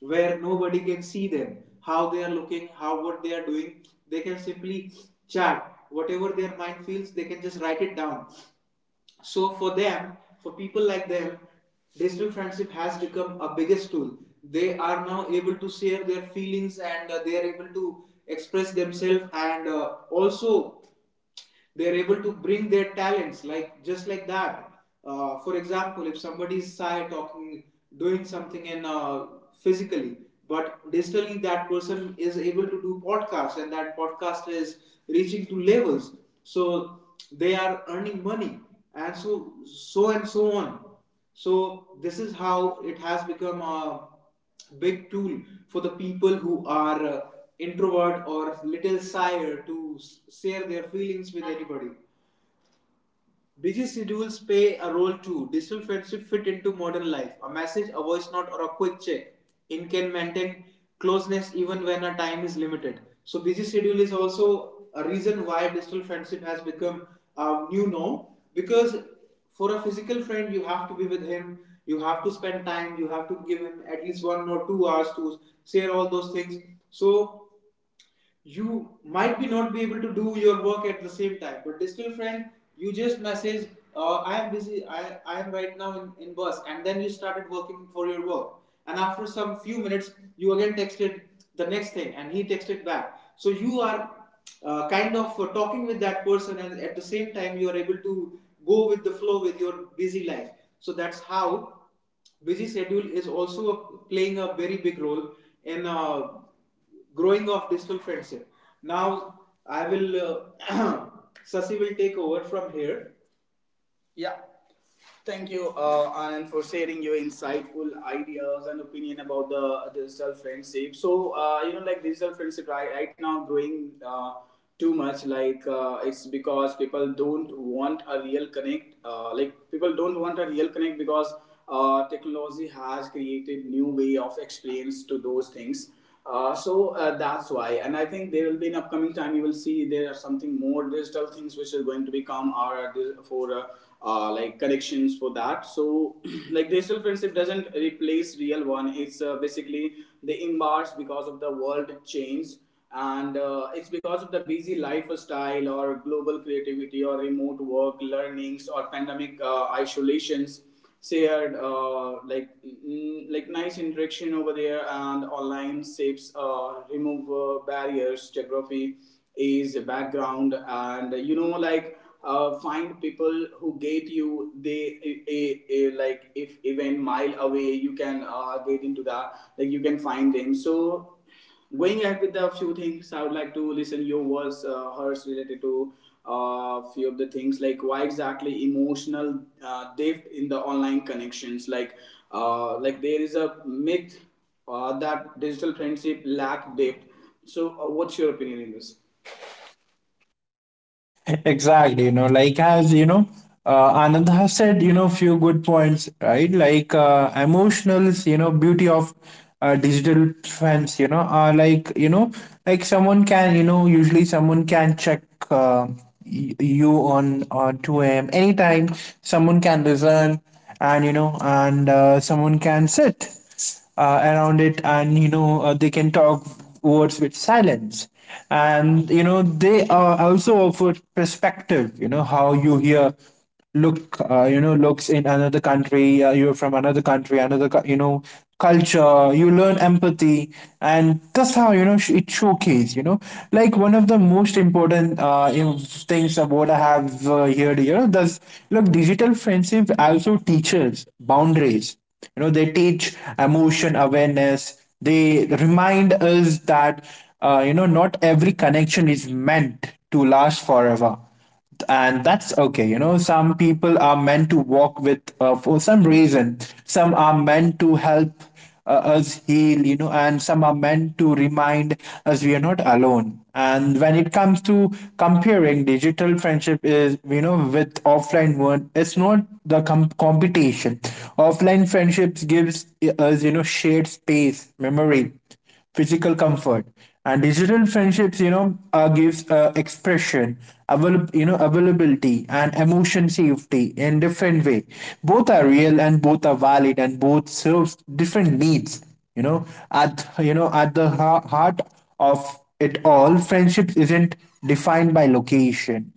A: where nobody can see them, how they are looking, how what they are doing? They can simply chat whatever their mind feels, they can just write it down. So for them, for people like them, digital friendship has become a biggest tool. They are now able to share their feelings, and uh, they are able to express themselves, and uh, also they're able to bring their talents, like just like that. Uh, for example, if somebody is shy talking, doing something in uh, physically, but digitally that person is able to do podcast, and that podcast is reaching to levels. So they are earning money, and so so and so on. So this is how it has become a big tool for the people who are uh, introvert or little shy to s- share their feelings with anybody. Busy schedules play a role too. Digital friendship fit into modern life. A message, a voice note, or a quick check in can maintain closeness even when a time is limited. So busy schedule is also a reason why digital friendship has become a new norm, because for a physical friend you have to be with him, you have to spend time, you have to give him at least one or two hours to share all those things. So you might be not be able to do your work at the same time, but digital friend, you just message, uh, I am busy, I, I am right now in, in bus, and then you started working for your work, and after some few minutes you again texted the next thing and he texted back. So you are uh, kind of uh, talking with that person, and at the same time you are able to go with the flow with your busy life. So that's how busy schedule is also playing a very big role in uh, growing of digital friendship. Now I will uh, Sasi will take over from here. Yeah, thank you, uh, Anand, for sharing your insightful ideas and opinion about the digital friendship. So, uh, you know, like digital friendship right, right now growing uh, too much. Like, uh, it's because people don't want a real connect. Uh, like people don't want a real connect, because uh, technology has created new way of experience to those things. Uh, so uh, that's why. And I think there will be an upcoming time you will see there are something more digital things which is going to become our for uh, uh, like connections for that. So like digital friendship doesn't replace real one. It's uh, basically they embarks because of the world change, and uh, it's because of the busy lifestyle or global creativity or remote work learnings or pandemic uh, isolations. Say had uh, like mm, like nice interaction over there, and online shapes uh, remove uh, barriers geography is background. And you know, like uh, find people who get you, they eh, eh, eh, like if even mile away you can uh, get into that, like you can find them. So going ahead with a few things, I would like to listen your words, uh, hers related to a uh, few of the things, like why exactly emotional uh, depth in the online connections. Like, uh, like there is a myth uh, that digital friendship lack depth. So, uh, what's your opinion in this?
B: Exactly, you know, like as you know, uh, Anand has said, you know, few good points, right? Like uh, emotionals, you know, beauty of uh, digital trends, you know, are like you know, like someone can, you know, usually someone can check uh, y- you on uh, two a m anytime. Someone can listen, and you know, and uh, someone can sit uh, around it, and you know uh, they can talk words with silence. And you know they uh, also offer perspective. You know how you hear look uh, you know looks in another country, uh, you're from another country, another cu- you know culture. You learn empathy, and that's how you know sh- it showcase. You know like one of the most important uh, you know, things about I have uh, heard, you know does look digital friendship also teaches boundaries. You know they teach emotion awareness. They remind us that uh, you know not every connection is meant to last forever, and that's okay. You know some people are meant to walk with uh, for some reason, some are meant to help uh, us heal, you know, and some are meant to remind us we are not alone. And when it comes to comparing digital friendship is, you know, with offline one, it's not the com- competition. Offline friendships gives us, you know, shared space, memory, physical comfort. And digital friendships you know uh, gives uh, expression, avail- you know availability, and emotion safety in different way. Both are real, and both are valid, and both serves different needs. you know at you know at the ha- heart of it all, friendships isn't defined by location.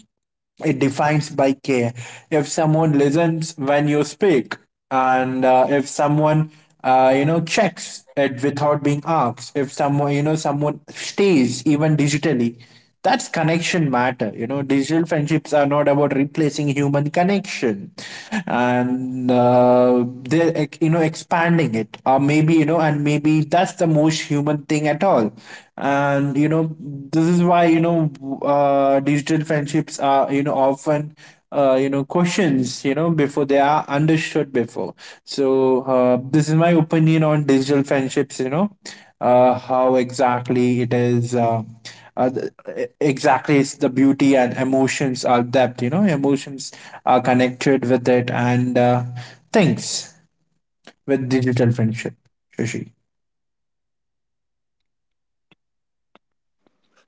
B: It defines by care. If someone listens when you speak, and uh, if someone uh, you know checks it without being asked, if someone you know someone stays, even digitally, that's connection matter. You know digital friendships are not about replacing human connection, and uh, they you know expanding it, or maybe, you know and maybe that's the most human thing at all. And you know this is why you know uh, digital friendships are you know often uh, you know questions, you know before they are understood before. So uh, this is my opinion on digital friendships. You know uh, how exactly it is, uh, uh, th- e- exactly it's the beauty, and emotions are depth. You know emotions are connected with it, and uh, things with digital friendship, Shashi.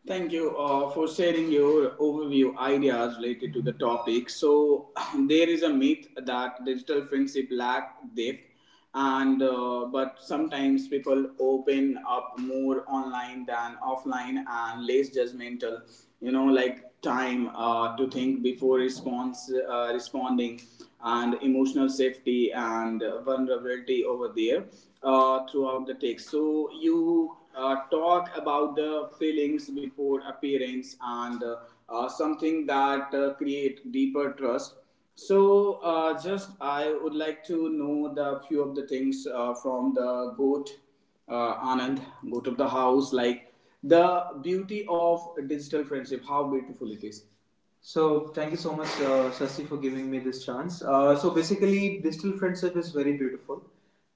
A: Thank you uh, for sharing your overview ideas related to the topic. So, there is a myth that digital friendship lack depth, and uh, but sometimes people open up more online than offline and less judgmental. You know, like time uh, to think before response uh, responding, and emotional safety and uh, vulnerability over there uh, throughout the text. So you uh, talk about the feelings before appearance, and uh, uh, something that uh, create deeper trust. So, uh, just I would like to know the few of the things uh, from the goat, uh, Anand, goat of the house, like the beauty of digital friendship, how beautiful it is. So thank you so much, uh, Sasi, for giving me this chance. Uh, so basically, digital friendship is very beautiful,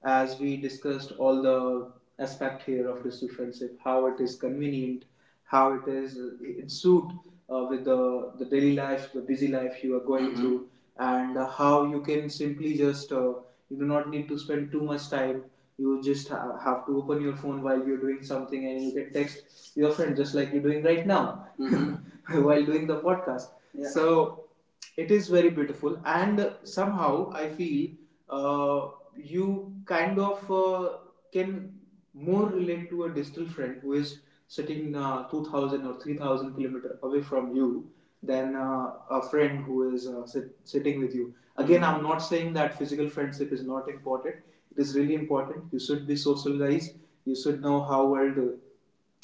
A: as we discussed all the aspect here of digital friendship, how it is convenient, how it is it suit uh, with the the daily life, the busy life you are going, Mhm, through, and uh, how you can simply just uh, you do not need to spend too much time, you just ha- have to open your phone while you're doing something, and you can text your friend just like you're doing right now, mm-hmm, while doing the podcast. Yeah. So it is very beautiful, and somehow I feel uh, you kind of uh, can more relate to a distant friend who is sitting uh, two thousand or three thousand kilometer away from you than uh, a friend who is uh, sit- sitting with you. Again, I'm not saying that physical friendship is not important. It is really important, you should be socialized, you should know how world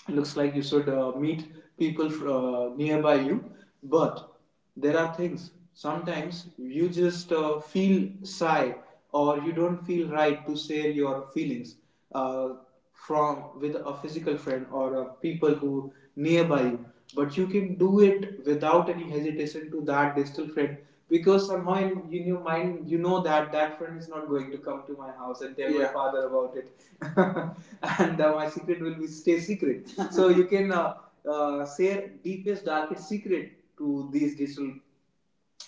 A: looks like, you should uh, meet people uh, nearby you. But there are things sometimes you just uh, feel shy, or you don't feel right to share your feelings uh, from with a physical friend, or uh, people who nearby you. But you can do it without any hesitation to that digital friend, because somehow in, in your mind you know that that friend is not going to come to my house and tell, yeah, my, Yeah, father about it, and uh, my secret will be stay secret. So you can uh, uh, say deepest darkest secret to these digital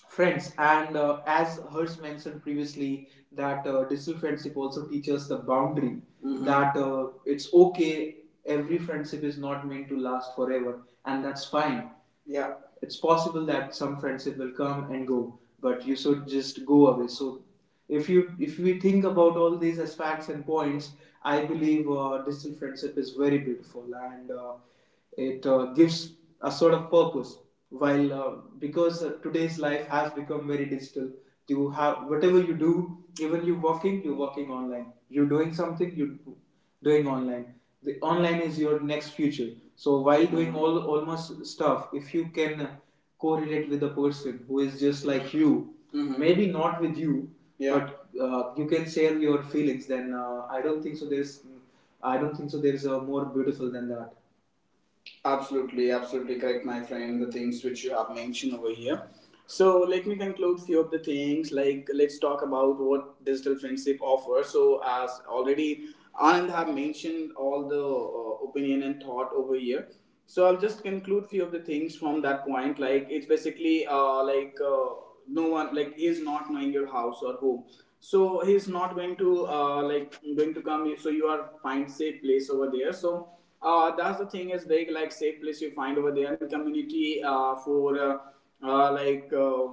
A: friends, and uh, as hers mentioned previously that uh, digital friendship also teaches the boundary, Mhm, that uh, it's okay, every friendship is not meant to last forever, and that's fine. Yeah, it's possible that some friendship will come and go, but you should just go away. So if you if we think about all these aspects and points, I believe uh, distant friendship is very beautiful, and uh, it uh, gives a sort of purpose. While uh, because uh, today's life has become very digital, you have whatever you do, even you walking, you're working online. You're doing something, you doing online. The online is your next future. So while doing all almost stuff, if you can correlate with a person who is just like you, Mhm, maybe not with you, Yeah, but uh, you can share your feelings, then uh, i don't think so there's I don't think so there's a more beautiful than that. Absolutely, absolutely correct, my friend. The things which you have mentioned over here. So let me conclude few of the things. Like, let's talk about what digital friendship offers. So as already Anand have mentioned all the uh, opinion and thought over here. So I'll just conclude few of the things from that point. Like, it's basically uh, like uh, no one, like he's not knowing your house or home, so he's not going to uh, like going to come, so you are find safe place over there. So uh, that's the thing is very like safe place you find over there. And community uh, for uh, uh, like uh,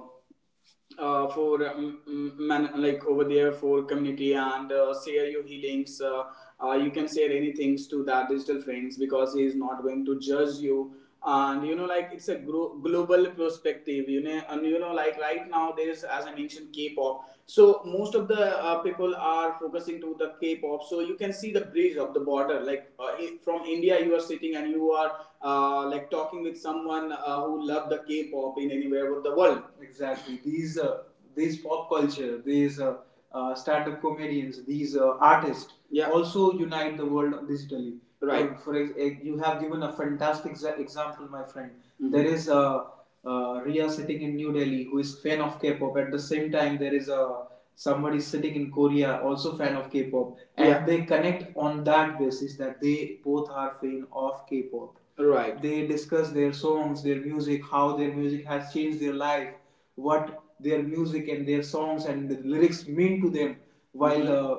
A: uh, for um, mm, man, like over there for community, and uh, share your healings. Uh, uh, you can share any things to that digital friends, because he is not going to judge you. And you know, like it's a gro- global perspective. You know, and you know, like right now there is, as I mentioned, K-pop. So most of the uh, people are focusing to the K-pop. So you can see the bridge of the border. Like, uh, i- from India, you are sitting and you are uh, like talking with someone uh, who love the K-pop in anywhere of the world. Exactly, these uh, these pop culture, these uh, uh, stand-up comedians, these uh, artists, Yeah, also unite the world digitally. Right. Uh, for ex- ex- you have given a fantastic exa- example, my friend. Mhm. There is a uh, Ria sitting in New Delhi who is fan of K-pop. At the same time, there is a somebody sitting in Korea also fan of K-pop, and, yeah, they connect on that basis that they both are fan of K-pop. Right. They discuss their songs, their music, how their music has changed their life, what their music and their songs and the lyrics mean to them while uh,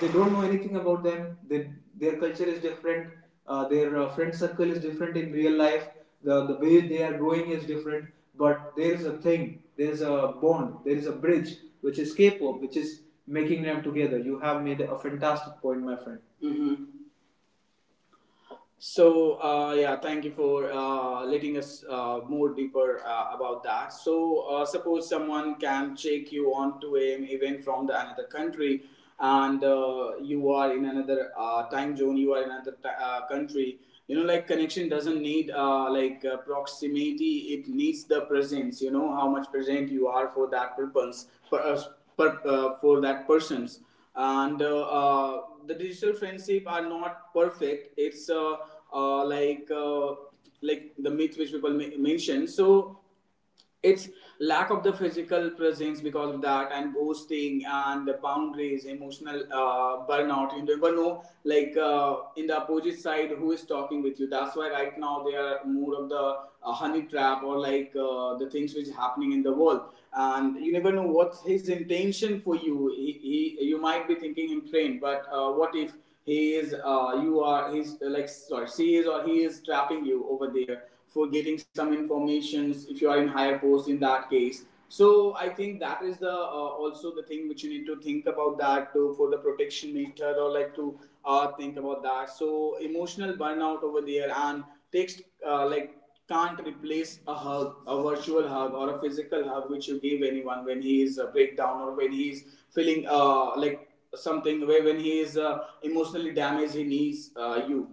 A: they don't know anything about them they, Their culture is different. Uh, their uh, friend circle is different in real life. The, the way they are growing is different, but there is a thing, there is a bond, there is a bridge which is k-pop, which is making them together. You have made a fantastic point, my friend. Mm-hmm. So uh, yeah, thank you for uh, letting us uh, more deeper uh, about that. So uh, suppose someone can check you on to an event from the another country, and uh, you are in another uh, time zone, you are in another ti uh, country. You know, like connection doesn't need uh, like uh, proximity; it needs the presence. You know how much present you are for that purpose, per, uh, per, uh, for that persons, and uh, uh, the digital friendship are not perfect. It's uh, uh, like uh, like the myth which people ma- mention. So it's lack of the physical presence because of that, and ghosting, and the boundaries, emotional uh, burnout. You never know, like, uh, in the opposite side who is talking with you. That's why right now they are more of the uh, honey trap or like uh, the things which happening in the world. And you never know what's his intention for you he, he You might be thinking him trained, but uh, what if he is uh, you are he's uh, like sorry, she is or he is trapping you over there for getting some informations if you are in higher post. In that case, so I think that is the uh, also the thing which you need to think about that to, for the protection meter or like to uh, think about that. So emotional burnout over there, and text uh, like can't replace a hug, a virtual hug, or a physical hug which you give anyone when he is a breakdown, or when he is feeling uh, like something, where when he is uh, emotionally damaged, he needs uh, you.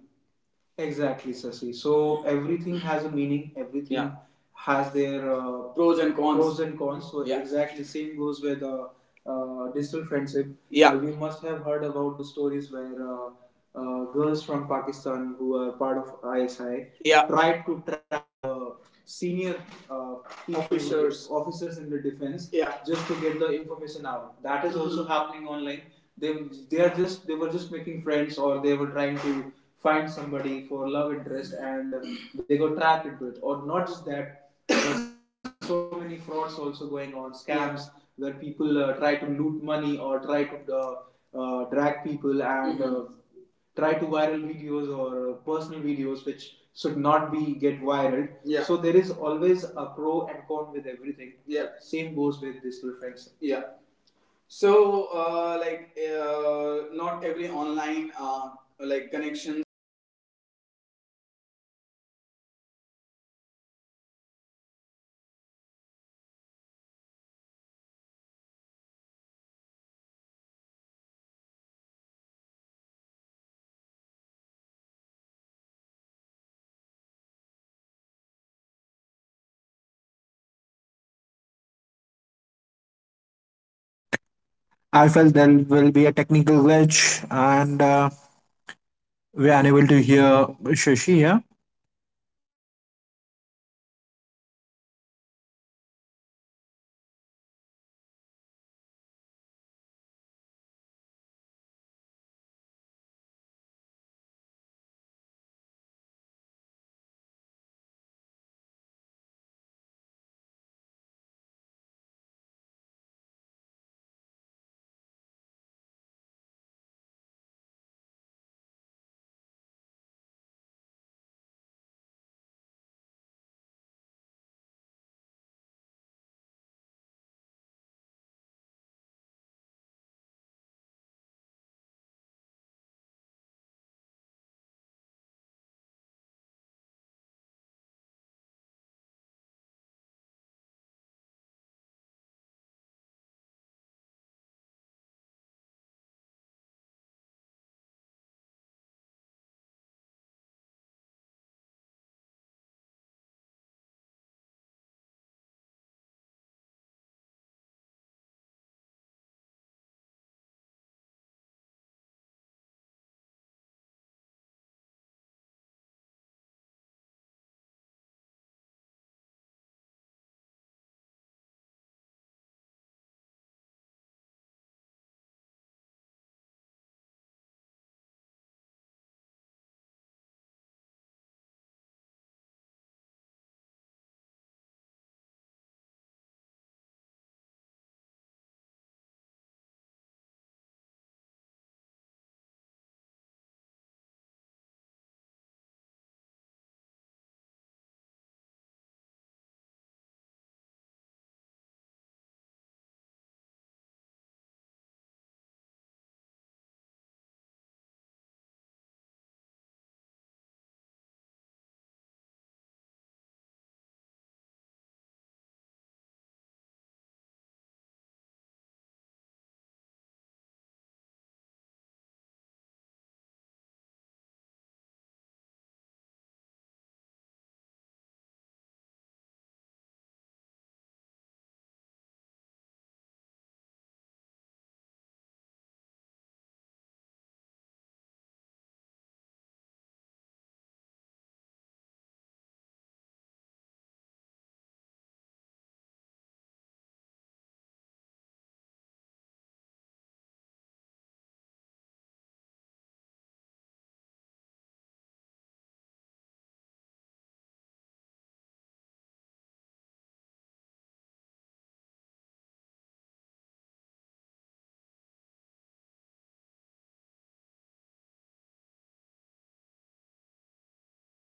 A: Exactly, Sasi. So everything has a meaning. Everything, yeah, has their uh, pros and cons. Pros and cons. So, yeah, exactly same goes with uh, uh, distant friendship. Yeah. You must have heard about the stories where uh, uh, girls from Pakistan who are part of I S I, yeah, tried to trap uh, senior uh, officers. Officers in the defense, yeah, just to get the information out. That is also, mm-hmm, happening online. They they are just they were just making friends, or they were trying to find somebody for love interest, and uh, they go trapped into it. Or not just that, there's so many frauds also going on, scams where people uh, try to loot money or try to uh, uh, drag people and uh, try to viral videos or uh, personal videos which should not be get viral. Yeah. So there is always a pro and con with everything. Yeah. Same goes with this little friends. Yeah. So, uh, like, uh, not every online uh, like connections is meant to be last. As also, I'd like to mention, uh, and uh, like gracefully letting go is a part of digital friendship uh, right now too. So, concluding these points, I would like to outline few of the things. It's not about the uh, competitions of this friendship or offline friendship. It's was never uh, uh, been a topic, and our not mention or, uh, or our not intention to
B: I
A: compare
B: felt there
A: anything.
B: will be a
A: We just
B: technical
A: uh,
B: glitch,
A: shared
B: and
A: our
B: uh,
A: opinions and thoughts with you
B: we're unable
A: listeners,
B: to hear
A: and uh, uh,
B: Shashi.
A: over,
B: Yeah.
A: overview of that. So online and offline friendships uh, serves different emotions need. You know, like offline uh, expressions, understanding, avail- uh, availability of uh, offline uh, presence, share uh, experience of physical comfort. Both are valid, and both are real. You know, so uh, friendship isn't uh, defined by where it's happened, or it's definitely by how it feel. It's someone shows up for you, uh, like listen, support, care, or like connections matter. So digital friendship isn't about replacing humanity, uh, they are uh, about the expanding it, you know. So that's the thing, it's matter which is matter the most. And uh, th- with the last word uh, I would like to conclude uh, this session. So, thank you for joining uh, the board of the house, uh, Anand, over here. All right. All right. Thank you so much, Sasi, for uh, giving me the uh, opportunity to be part of this uh, podcast again. This is a very beautiful topic, and I loved every bit of it. Yeah. Discussing with you, putting my points, listening you, and listening hers. Yeah. From their studio, and still uh, not get a chance to meet hers. I would like to meet her soon, yeah, so that I can discuss this uh, physically, not just digitally, with him, because he is very experienced. And uh, and you being a so fantastic host, my friend. The way you are driving the podcast, yeah, is so amazing, and uh, being just a small part of this uh, this uh, podcast uh, journey is uh, so uh, great. I'm, I'm I'm feeling so grateful. Mhm. So uh, thank you, thank you so much for having me on your show. Thank you. Thank you, Harsh, for joining from your studio. Uh, soon we'll come with the new podcast, and we'll be joining soon to, together to with the new podcast. Okay, so uh, let's conclude this point. Thank you joining us, listeners. If you have any opinion, if you have any thoughts, please do share with us, so that we love to hear that, and we love to share the opinions which you are going to uh, share with us. Till that time, please make you uh, be connecting with anyone, or be uh, creating the new friends, be uh, making new friends. Uh, either via uh, online or offline, but please be careful while making the online friends. And uh, And And also, I would like to add a point here. If you're loving Sasi being host, kindly please comment down Sasi is the best host. Thank Sasi you. Sasi as the best host. Thank you. Okay? You. Thank you. Bye bye. Take care. Stay tuned. And till next podcast, till that time, we'll meet soon. Have a nice and healthy life. And uh, uh, keep yourself safe. Keep your nearby person safe. Keep the uh, like uh, female uh, nearby you safe. Feel them safe nearby you. And till next podcast, bye bye. Take care. Stay tuned. Dan